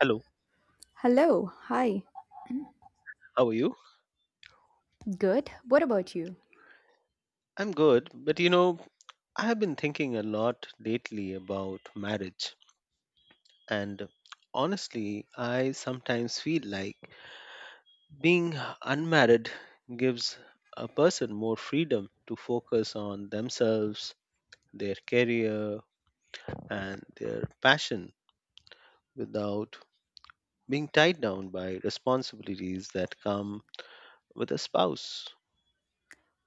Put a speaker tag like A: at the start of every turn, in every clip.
A: Hello,
B: Hello, hi.
A: how are you?
B: Good. What about you?
A: I'm good, but you know, I have been thinking a lot lately about marriage, and honestly, I sometimes feel like being unmarried gives a person more freedom to focus on themselves, their career, and their passion without being tied down by responsibilities that come with a spouse.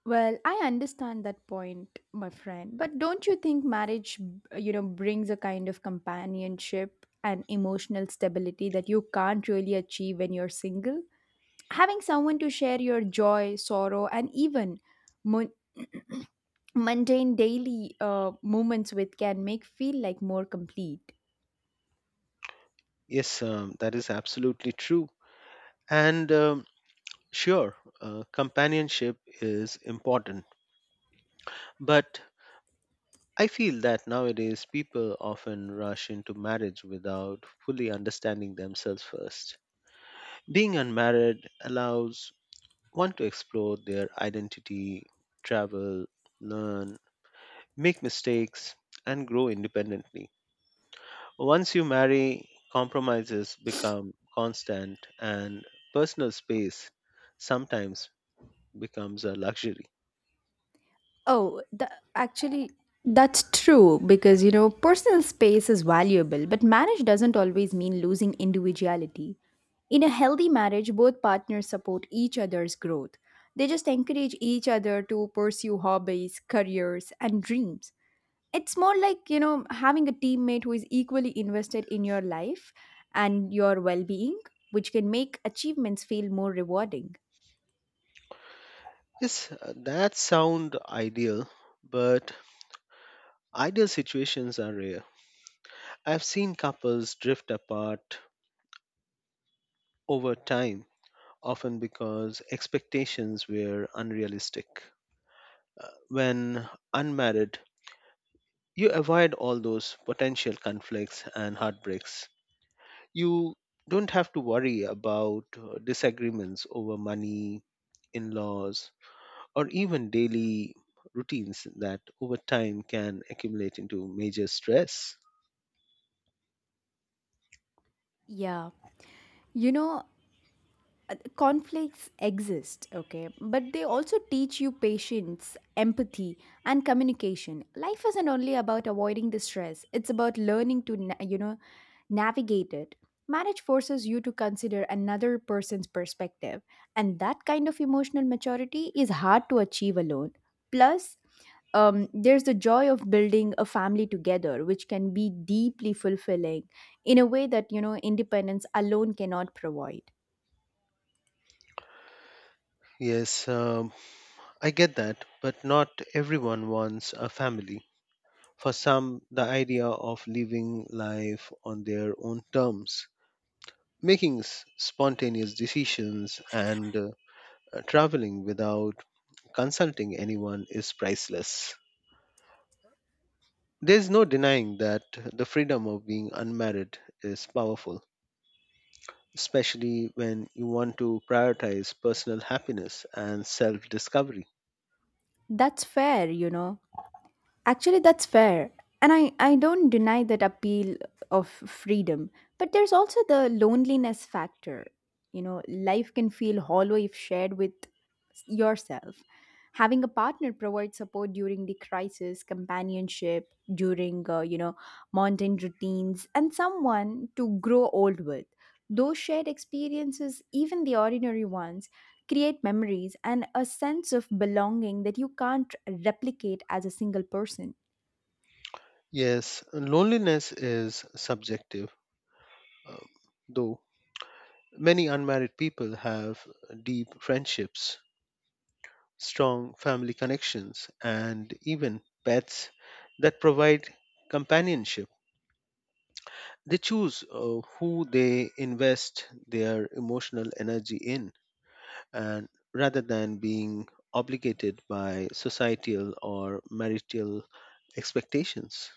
B: Well, I understand that point, my friend. But don't you think marriage, brings a kind of companionship and emotional stability that you can't really achieve when you're single? Having someone to share your joy, sorrow, and even mon- mundane daily moments with can make feel like more complete.
A: Yes, that is absolutely true. And um, Sure, Companionship is important, but I feel that nowadays people often rush into marriage without fully understanding themselves first. Being unmarried allows one to explore their identity, travel, learn, make mistakes, and grow independently. Once you marry, compromises become constant, and personal space sometimes becomes a luxury.
B: Oh, the, actually, that's true because, you know, personal space is valuable, but marriage doesn't always mean losing individuality. In a healthy marriage, both partners support each other's growth. They just encourage each other to pursue hobbies, careers, and dreams. It's more like, you know, having a teammate who is equally invested in your life and your well being, which can make achievements feel more rewarding.
A: Yes, that sound ideal, but ideal situations are rare. I've seen couples drift apart over time, often because expectations were unrealistic. When unmarried, you avoid all those potential conflicts and heartbreaks. You don't have to worry about disagreements over money, in laws, or even daily routines that over time can accumulate into major stress.
B: Yeah. You know, conflicts exist, okay, but they also teach you patience, empathy, and communication. Life isn't only about avoiding the stress, it's about learning to navigate it. Marriage forces you to consider another person's perspective, and that kind of emotional maturity is hard to achieve alone. Plus, there's the joy of building a family together, which can be deeply fulfilling in a way that, you know, independence alone cannot provide.
A: Yes, I get that, but not everyone wants a family. For some, the idea of living life on their own terms, spontaneous decisions, and traveling without consulting anyone is priceless. There's no denying that the freedom of being unmarried is powerful, especially when you want to prioritize personal happiness and self discovery.
B: That's fair, you know. Actually, that's fair. And I don't deny that appeal of freedom. But there's also the loneliness factor. You know, life can feel hollow if shared with yourself. Having a partner provides support during the crisis, companionship, during, mountain routines, and someone to grow old with. Those shared experiences, even the ordinary ones, create memories and a sense of belonging that you can't replicate as a single person.
A: Yes, loneliness is subjective, uh, though many unmarried people have deep friendships, strong family connections, and even pets that provide companionship. They choose who they invest their emotional energy in, and rather than being obligated by societal or marital expectations.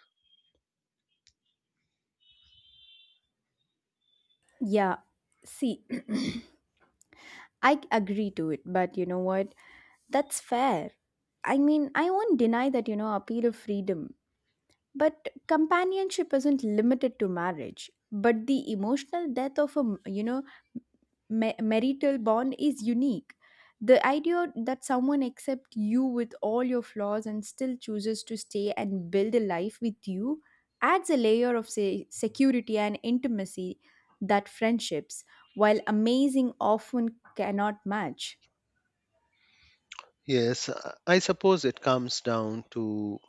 B: Yeah, see, I agree to it, but you know what? That's fair. I mean, I won't deny that, you know, a period of freedom. But companionship isn't limited to marriage, but the emotional death of a, you know, marital bond is unique. The idea that someone accepts you with all your flaws and still chooses to stay and build a life with you adds a layer of, say, security and intimacy that friendships, while amazing, often cannot match.
A: Yes, I suppose it comes down to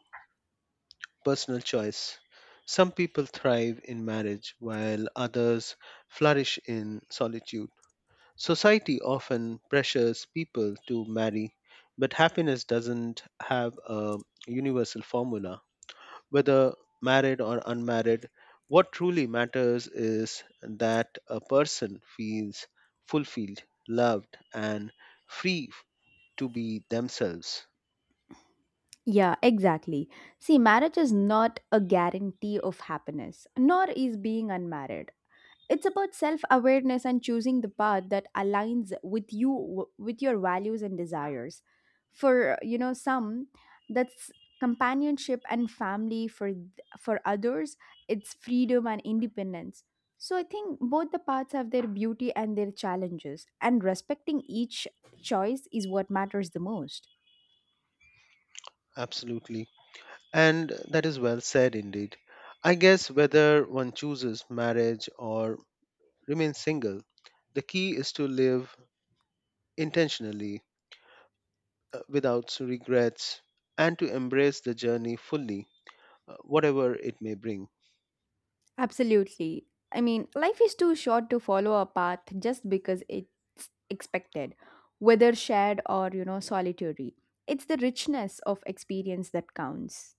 A: personal choice. Some people thrive in marriage while others flourish in solitude. Society often pressures people to marry, but happiness doesn't have a universal formula. Whether married or unmarried, what truly matters is that a person feels fulfilled, loved, and free to be themselves.
B: Yeah, exactly. See, marriage is not a guarantee of happiness, nor is being unmarried. It's about self-awareness and choosing the path that aligns with you, with your values and desires. For, you know, some, that's companionship and family. For for others, it's freedom and independence. So I think both the paths have their beauty and their challenges, and respecting each choice is what matters the most.
A: Absolutely. And that is well said indeed. I guess whether one chooses marriage or remains single, the key is to live intentionally, without regrets and to embrace the journey fully, whatever it may bring.
B: Absolutely. I mean, life is too short to follow a path just because it's expected, whether shared or, you know, solitary. It's the richness of experience that counts.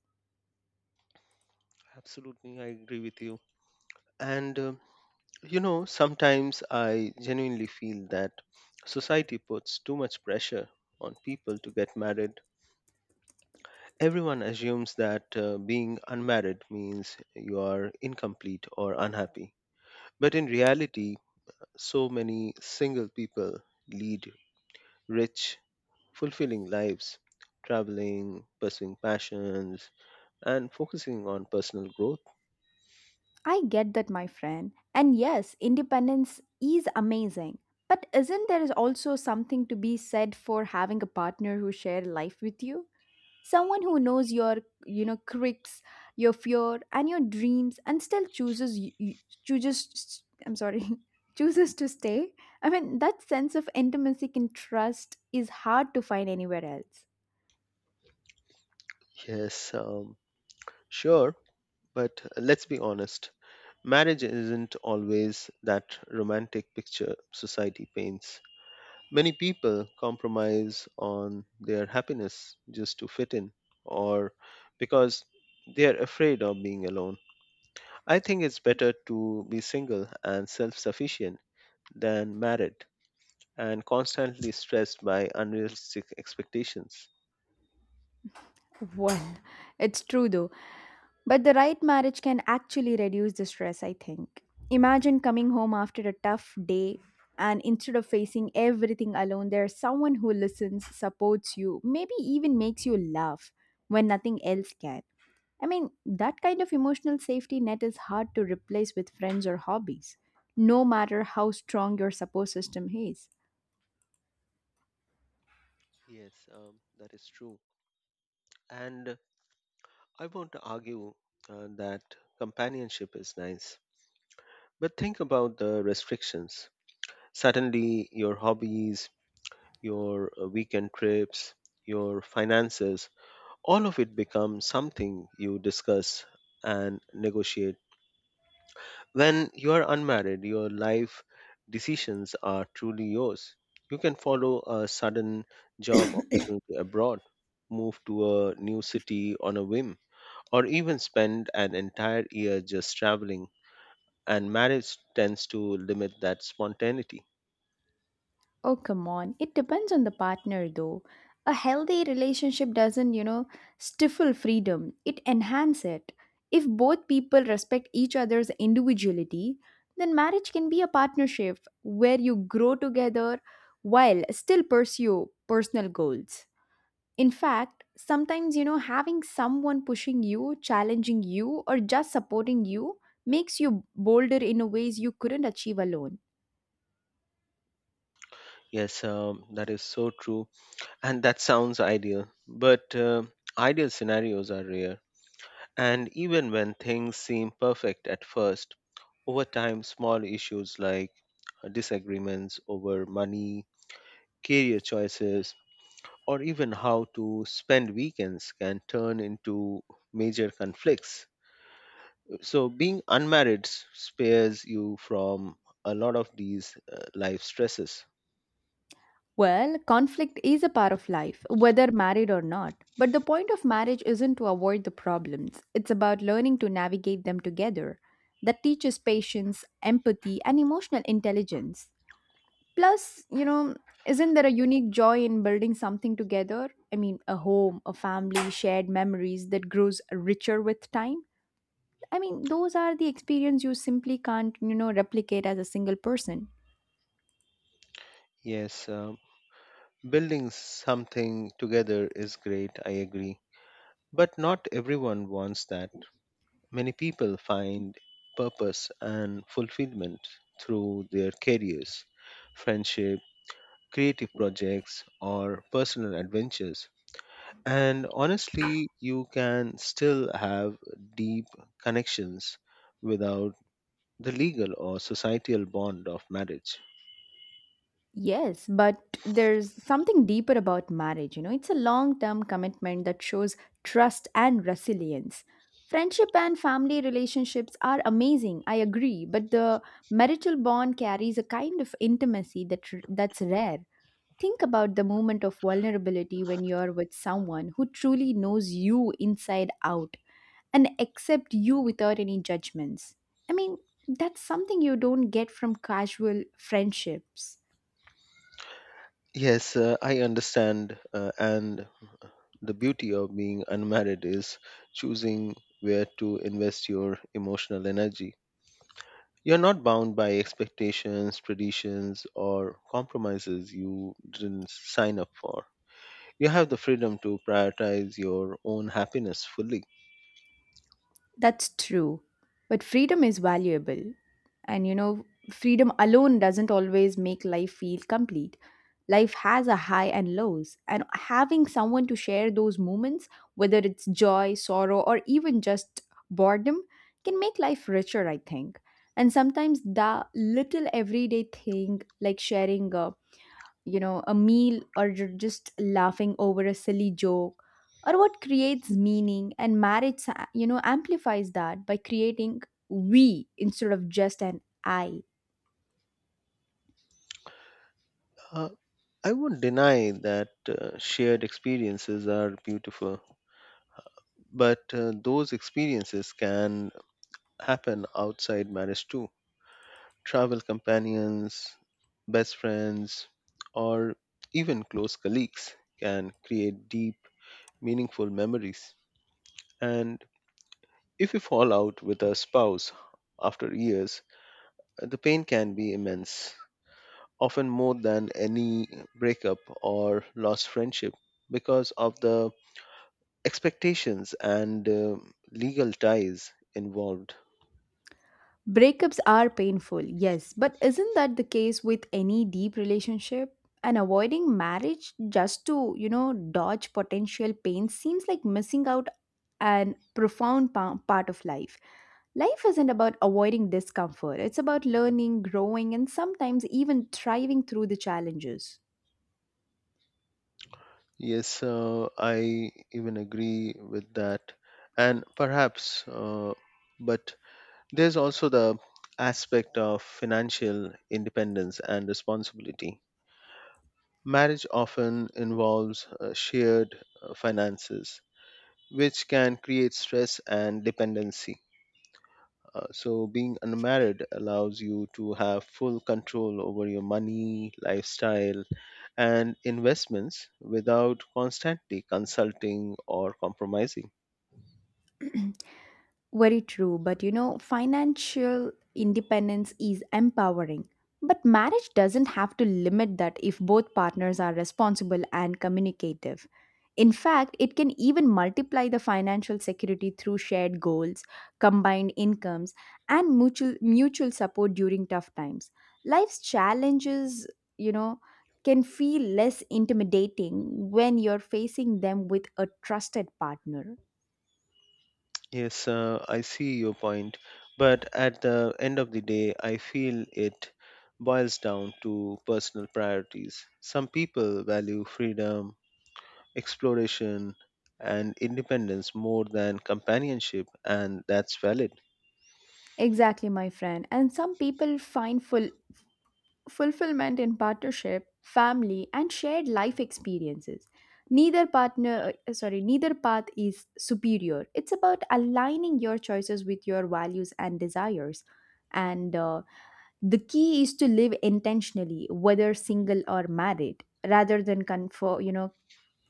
A: Absolutely, I agree with you. And uh, Sometimes I genuinely feel that society puts too much pressure on people to get married. Everyone assumes that being unmarried means you are incomplete or unhappy. But in reality, so many single people lead rich, fulfilling lives, traveling, pursuing passions, and focusing on personal growth.
B: I get that, my friend. And yes, independence is amazing. But isn't there is also something to be said for having a partner who share life with you? Someone who knows your, you know, quirks, your fear, and your dreams, and still chooses. I'm sorry. Chooses to stay. I mean, that sense of intimacy and trust is hard to find anywhere else.
A: Yes, sure, but let's be honest, marriage isn't always that romantic picture society paints. Many people compromise on their happiness just to fit in or because they are afraid of being alone. I think it's better to be single and self sufficient than married and constantly stressed by unrealistic expectations.
B: Well, it's true though, but the right marriage can actually reduce the stress, I think. Imagine coming home after a tough day, and instead of facing everything alone, there's someone who listens, supports you, maybe even makes you laugh when nothing else can. I mean, that kind of emotional safety net is hard to replace with friends or hobbies, no matter how strong your support system is.
A: Yes, that is true. And I want to argue that companionship is nice. But think about the restrictions. Suddenly, your hobbies, your weekend trips, your finances, all of it becomes something you discuss and negotiate. When you are unmarried, your life decisions are truly yours. You can follow a sudden job opportunity abroad, move to a new city on a whim, or even spend an entire year just traveling. And marriage tends to limit that spontaneity.
B: Oh, come on. It depends on the partner, though. A healthy relationship doesn't, you know, stifle freedom, it enhances it. If both people respect each other's individuality, then marriage can be a partnership where you grow together while still pursue personal goals. In fact, sometimes, you know, having someone pushing you, challenging you, or just supporting you makes you bolder in ways you couldn't achieve alone.
A: Yes, that is so true. And that sounds ideal, but ideal scenarios are rare. And even when things seem perfect at first, over time, small issues like disagreements over money, career choices, or even how to spend weekends can turn into major conflicts. So, spares you from a lot of these life stresses.
B: Well, conflict is a part of life, whether married or not. But the point of marriage isn't to avoid the problems, it's about learning to navigate them together. That teaches patience, empathy, and emotional intelligence. Plus, you know, isn't there a unique joy in building something together? I mean, a home, a family, shared memories that grows richer with time? I mean, those are the experience you simply can't, you know, replicate as a single person.
A: Yes, building something together is great, I agree. But not everyone wants that. Many people find purpose and fulfillment through their careers, friendship, creative projects, or personal adventures. And honestly, you can still have deep connections without the legal or societal bond of marriage.
B: Yes, but there's something deeper about marriage, you know. It's a long-term commitment that shows trust and resilience. Friendship and family relationships are amazing, I agree, but the marital bond carries a kind of intimacy that that's rare. Think about the moment of vulnerability when you're with someone who truly knows you inside out and accept you without any judgments. I mean, that's something you don't get from casual friendships.
A: Yes, I understand. And the beauty of being unmarried is choosing where to invest your emotional energy. You're not bound by expectations, traditions, or compromises you didn't sign up for. You have the freedom to prioritize your own happiness fully.
B: That's true. But freedom is valuable. And you know, freedom alone doesn't always make life feel complete. Life has a high and lows, and having someone to share those moments, whether it's joy, sorrow, or even just boredom, can make life richer, I think. And sometimes the little everyday thing, like sharing a, you know, a meal or just laughing over a silly joke or what creates meaning, and marriage, you know, amplifies that by creating we instead of just an I.
A: Uh, I won't deny that shared experiences are beautiful, but those experiences can happen outside marriage too. Travel companions, best friends, or even close colleagues can create deep, meaningful memories. And if you fall out with a spouse after years, the pain can be immense, often more than any breakup or lost friendship, because of the expectations and legal ties involved.
B: Breakups are painful, yes, but isn't that the case with any deep relationship? And avoiding marriage just to, you know, dodge potential pain seems like missing out an profound part of life. Life isn't about avoiding discomfort, it's about learning, growing, and sometimes even thriving through the challenges.
A: Yes, I even agree with that. And perhaps, uh, but there's also the aspect of financial independence and responsibility. Marriage often involves shared finances, which can create stress and dependency. So, being unmarried allows you to have full control over your money, lifestyle, and investments without constantly consulting or compromising.
B: Very true, but you know, financial independence is empowering. But marriage doesn't have to limit that if both partners are responsible and communicative. In fact, it can even multiply the financial security through shared goals, combined incomes, and mutual support during tough times. Life's challenges, you know, can feel less intimidating when you're facing them with a trusted partner.
A: Yes, I see your point, but at the end of the day, I feel it boils down to personal priorities. Some people value freedom, exploration, and independence more than companionship, and that's valid.
B: Exactly, my friend. And some people find full fulfillment in partnership, family, and shared life experiences. Neither partner, sorry, neither path is superior. It's about aligning your choices with your values and desires. And the key is to live intentionally, whether single or married, rather than conform, you know,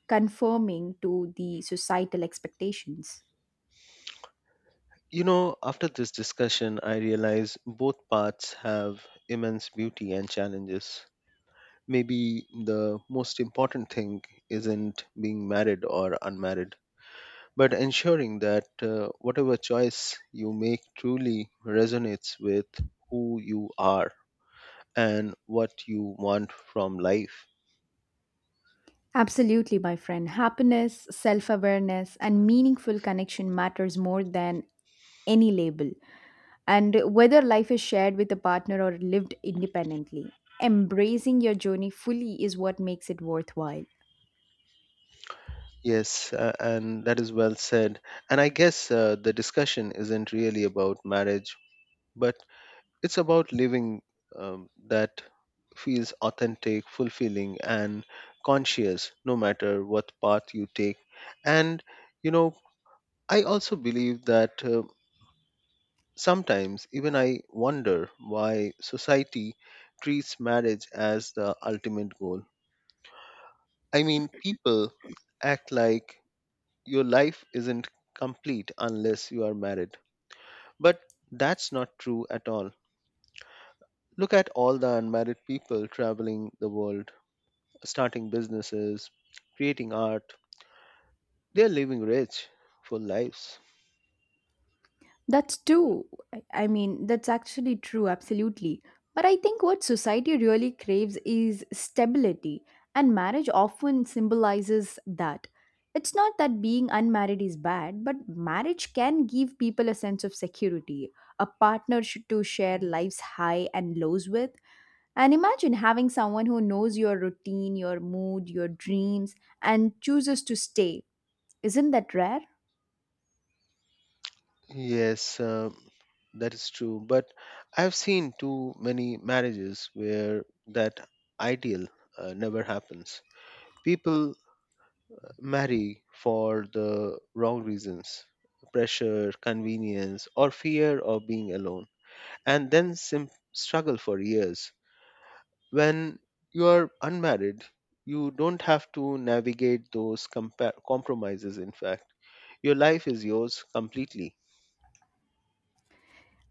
B: conforming to the societal expectations.
A: You know, after this discussion, I realize both paths have immense beauty and challenges. Maybe the most important thing isn't being married or unmarried, but ensuring that whatever choice you make truly resonates with who you are and what you want from life.
B: Absolutely, my friend. Happiness, self awareness, and meaningful connection matters more than any label. And whether life is shared with a partner or lived independently, embracing your journey fully is what makes it worthwhile.
A: Yes, and that is well said. And I guess the discussion isn't really about marriage, but it's about living that feels authentic, fulfilling, and conscious, no matter what path you take. And, you know, I also believe that, sometimes even I wonder why society treats marriage as the ultimate goal. I mean, people act like your life isn't complete unless you are married. But that's not true at all. Look at all the unmarried people traveling the world, starting businesses, creating art. They're living rich, full lives.
B: That's true. I mean, that's actually true, absolutely. But I think what society really craves is stability, and marriage often symbolizes that. It's not that being unmarried is bad, but marriage can give people a sense of security, a to share life's high and lows with. And imagine having someone who knows your routine, your mood, your dreams, and chooses to stay. Isn't that rare?
A: Yes, that is true. But I've seen too many marriages where that ideal never happens. People marry for the wrong reasons: pressure, convenience, or fear of being alone, and then struggle for years. When you are unmarried, you don't have to navigate those compromises, in fact. Your life is yours completely.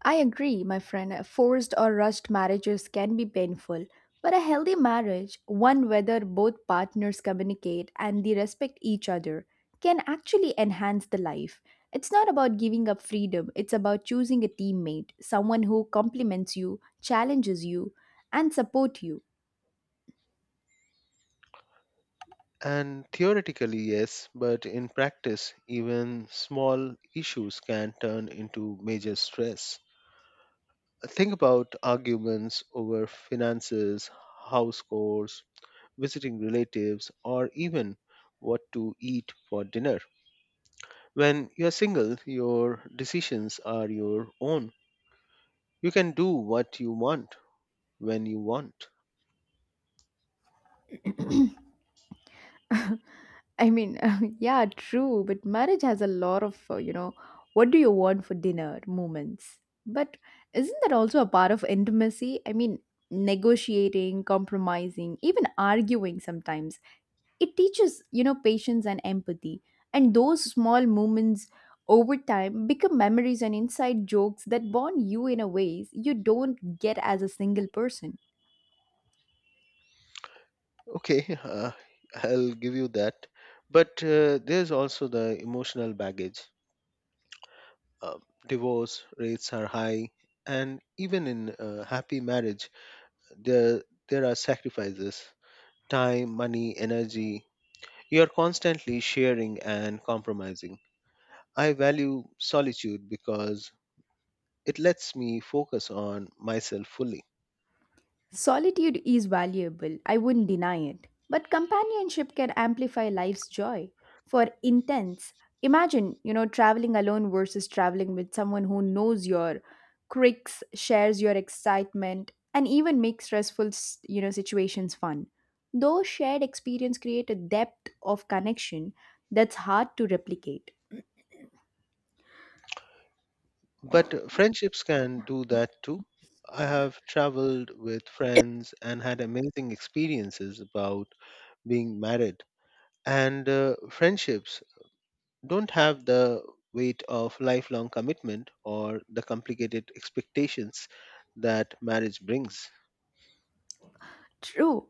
B: I agree, my friend. Forced or rushed marriages can be painful, but a healthy marriage, one whether both partners communicate and they respect each other, can actually enhance the life. It's not about giving up freedom, it's about choosing a teammate, someone who compliments you, challenges you, and support you.
A: And theoretically, yes, but in practice, even small issues can turn into major stress. Think about arguments over finances, house chores, visiting relatives, or even what to eat for dinner. When you're single, your decisions are your own. You can do what you want when you want.
B: I mean, yeah, true, but marriage has a lot of, you know, what do you want for dinner moments. But isn't that also a part of intimacy? I mean, negotiating, compromising, even arguing sometimes. It teaches, you know, patience and empathy. And those small moments over time become memories and inside jokes that bond you in a ways you don't get as a single person.
A: Okay, I'll give you that. But there's also the emotional baggage. Uh, Divorce rates are high, and even in a happy marriage, there there are sacrifices: time, money, energy. You are constantly sharing and compromising. I value solitude because it lets me focus on myself fully.
B: Solitude is valuable, I wouldn't deny it. But companionship can amplify life's joy. For intense, imagine, you know, traveling alone versus traveling with someone who knows your quirks, shares your excitement, and even makes stressful, you know, situations fun. Those shared experience create a depth of connection that's hard to replicate.
A: But friendships can do that too. I have traveled with friends and had amazing experiences about being married. And friendships don't have the weight of lifelong commitment or the complicated expectations that marriage brings.
B: True.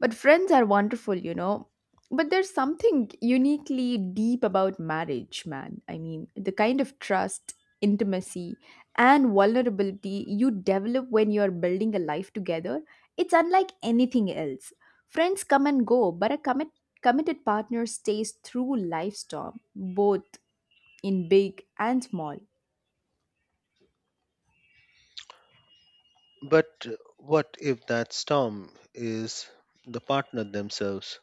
B: But friends are wonderful, you know. But there's something uniquely deep about marriage, man. I mean, the kind of trust, intimacy, and vulnerability you develop when you're building a life together, it's unlike anything else. Friends come and go, but a committed partner stays through life storm, both in big and small.
A: But what if that storm is the partner themselves?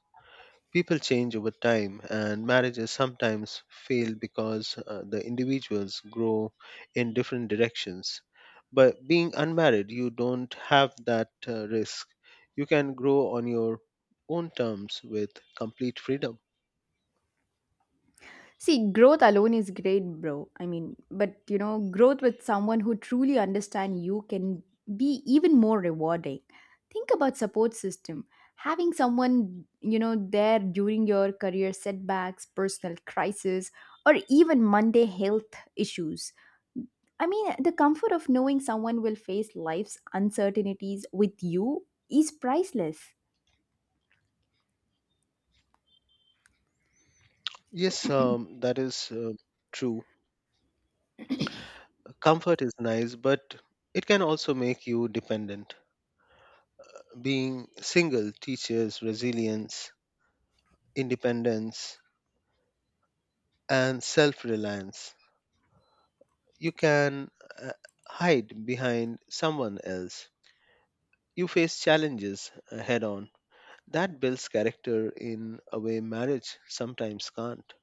A: People change over time, and marriages sometimes fail because the individuals grow in different directions. But being unmarried, you don't have that risk. You can grow on your own terms with complete freedom.
B: See, growth alone is great, bro. I mean, but you know, growth with someone who truly understands you can be even more rewarding. Think about support system. Having someone, you know, there during your career setbacks, personal crisis, or even Monday health issues. I mean, the comfort of knowing someone will face life's uncertainties with you is priceless.
A: Yes, that is true. Comfort is nice, but it can also make you dependent. Being single teaches resilience, independence, and self reliance. You can uh, hide behind someone else. You face challenges head on. That builds character in a way marriage sometimes can't.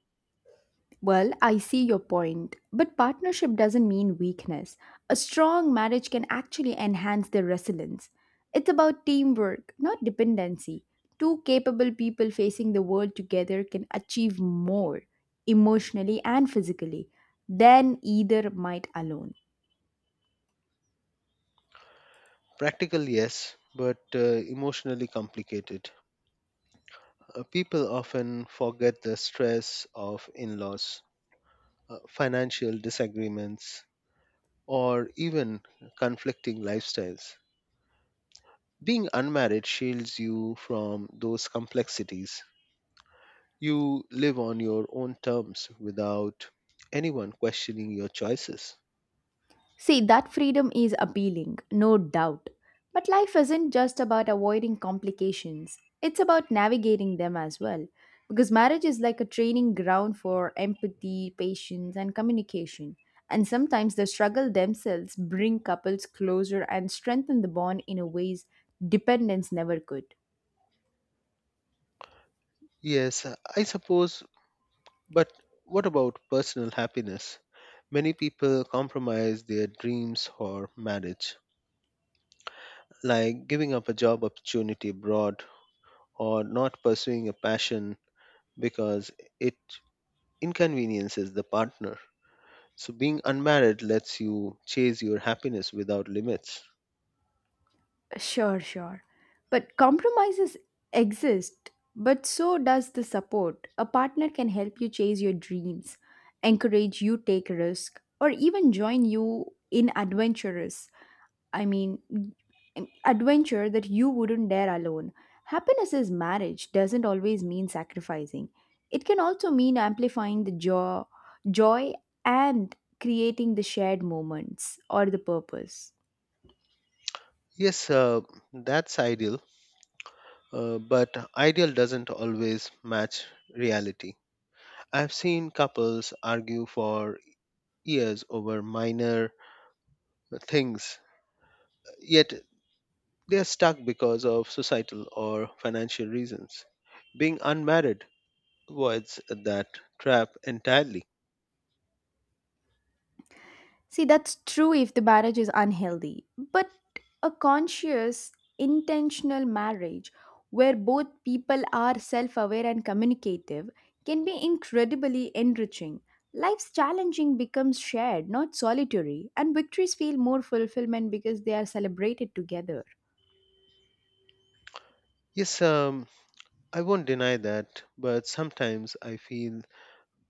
B: Well, I see your point, but partnership doesn't mean weakness. A strong marriage can actually enhance their resilience. It's about teamwork, not dependency. Two capable people facing the world together can achieve more, emotionally and physically, than either might alone.
A: Practical, yes, but emotionally complicated. People often forget the stress of in laws, financial disagreements, or even conflicting lifestyles. Being unmarried shields you from those complexities. You live on your own terms without anyone questioning your choices.
B: See, that freedom is appealing, no doubt. But life isn't just about avoiding complications, it's about navigating them as well. Because marriage is like a training ground for empathy, patience, and communication. And sometimes the struggle themselves bring couples closer and strengthen the bond in a ways dependence never could.
A: Yes, I suppose, but what about personal happiness? Many people compromise their dreams for marriage, like giving up a job opportunity abroad or not pursuing a passion because it inconveniences the partner. So, being unmarried lets you chase your happiness without limits.
B: Sure, sure. But compromises exist, but so does the support. A partner can help you chase your dreams, encourage you take risk, or even join you in adventurous. I mean, adventure that you wouldn't dare alone. Happiness is marriage doesn't always mean sacrificing. It can also mean amplifying the joy and creating the shared moments or the purpose.
A: Yes, that's ideal, but ideal doesn't always match reality. I've seen couples argue for years over minor things, yet they are stuck because of societal or financial reasons. Being unmarried avoids that trap entirely.
B: See, that's true if the marriage is unhealthy, but a conscious, intentional marriage where both people are self aware and communicative can be incredibly enriching. Life's challenging becomes shared, not solitary, and victories feel more fulfillment because they are celebrated together.
A: Yes, I won't deny that, but sometimes I feel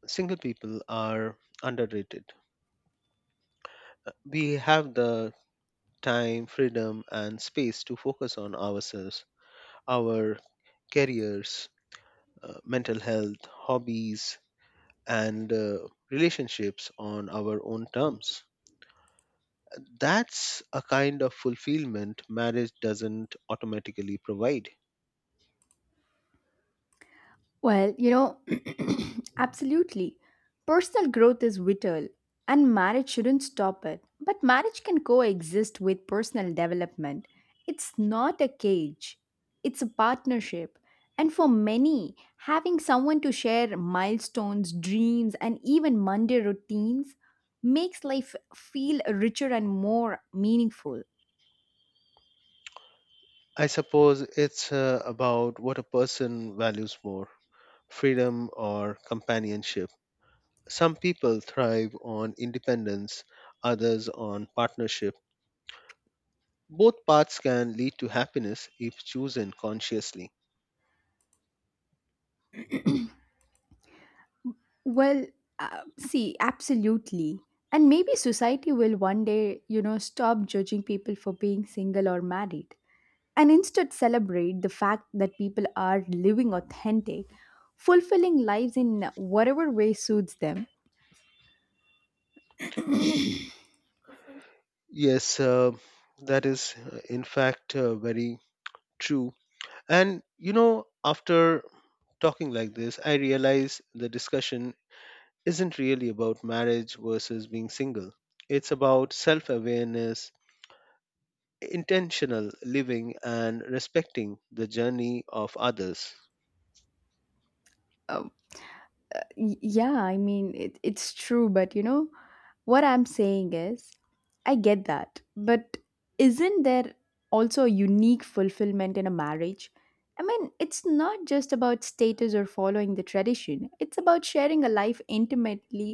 A: single people are underrated. We have the time, freedom, and space to focus on ourselves, our careers, mental health, hobbies, and relationships on our own terms. That's a kind of fulfillment marriage doesn't automatically provide.
B: Well, you know, absolutely. Personal growth is vital, and marriage shouldn't stop it. But marriage can coexist with personal development. It's not a cage, it's a partnership. And for many, having someone to share milestones, dreams, and even Monday routines makes life feel richer and more meaningful.
A: I suppose it's about what a person values more: freedom or companionship. Some people thrive on independence, others on partnership. Both paths can lead to happiness if chosen consciously.
B: Well, see, absolutely. And maybe society will one day, you know, stop judging people for being single or married and instead celebrate the fact that people are living authentic, fulfilling lives in whatever way suits them.
A: Yes, that is, in fact, very true. And you know, after talking like this, I realize the discussion isn't really about marriage versus being single. It's about self awareness, intentional living, and respecting the journey of others.
B: Uh, yeah, I mean, it's true, but you know, what I'm saying is, I get that, but isn't there also a unique fulfillment in a marriage? I mean, it's not just about status or following the tradition. It's about sharing a life intimately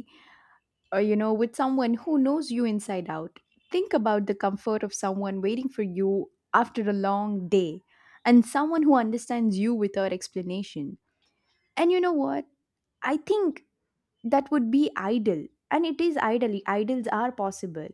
B: or, you know, with someone who knows you inside out. Think about the comfort of someone waiting for you after a long day and someone who understands you without explanation. And you know what? I think that would be ideal. And it is ideally, ideals are possible.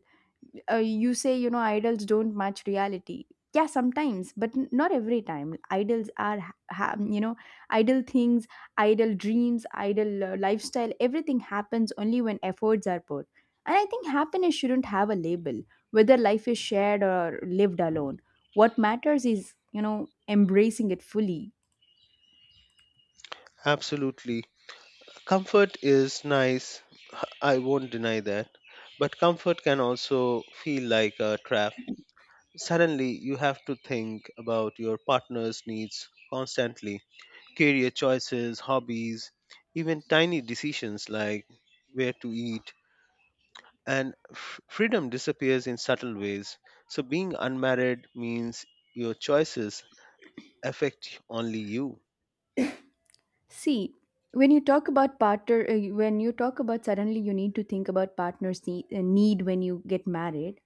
B: You say, you know, idols don't match reality. Yeah, sometimes, but n- not every time. Idols are you know, idle things, idle dreams, idle lifestyle. Everything happens only when efforts are put. And I think happiness shouldn't have a label. Whether life is shared or lived alone, what matters is, you know, embracing it fully.
A: Absolutely. Comfort is nice, I won't deny that. But comfort can also feel like a trap. Suddenly, you have to think about your partner's needs constantly. Career choices, hobbies, even tiny decisions like where to eat. And freedom disappears in subtle ways. So, being unmarried means your choices affect only you.
B: See, when you talk about partner, when you talk about suddenly you need to think about need when you get married.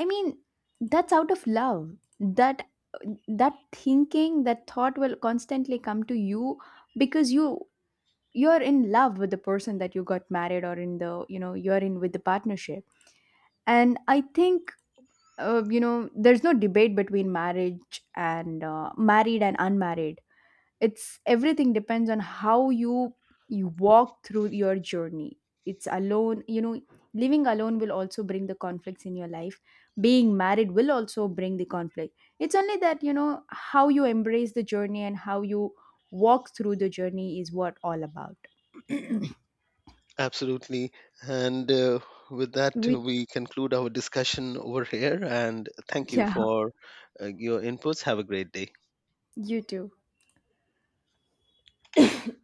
B: I mean, that's out of love. That that thinking, that thought will constantly come to you because you're in love with the person that you got married, or in the, you know, you're in with the partnership. And I think, you know, there's no debate between marriage and, married and unmarried. It's everything depends on how you, you walk through your journey. It's alone, you know, living alone will also bring the conflicts in your life. Being married will also bring the conflict. It's only that, you know, how you embrace the journey and how you walk through the journey is what all about.
A: Absolutely. And with that,
B: We,
A: we conclude our discussion over here. And thank you
B: yeah,
A: for your inputs. Have a great day.
B: you too.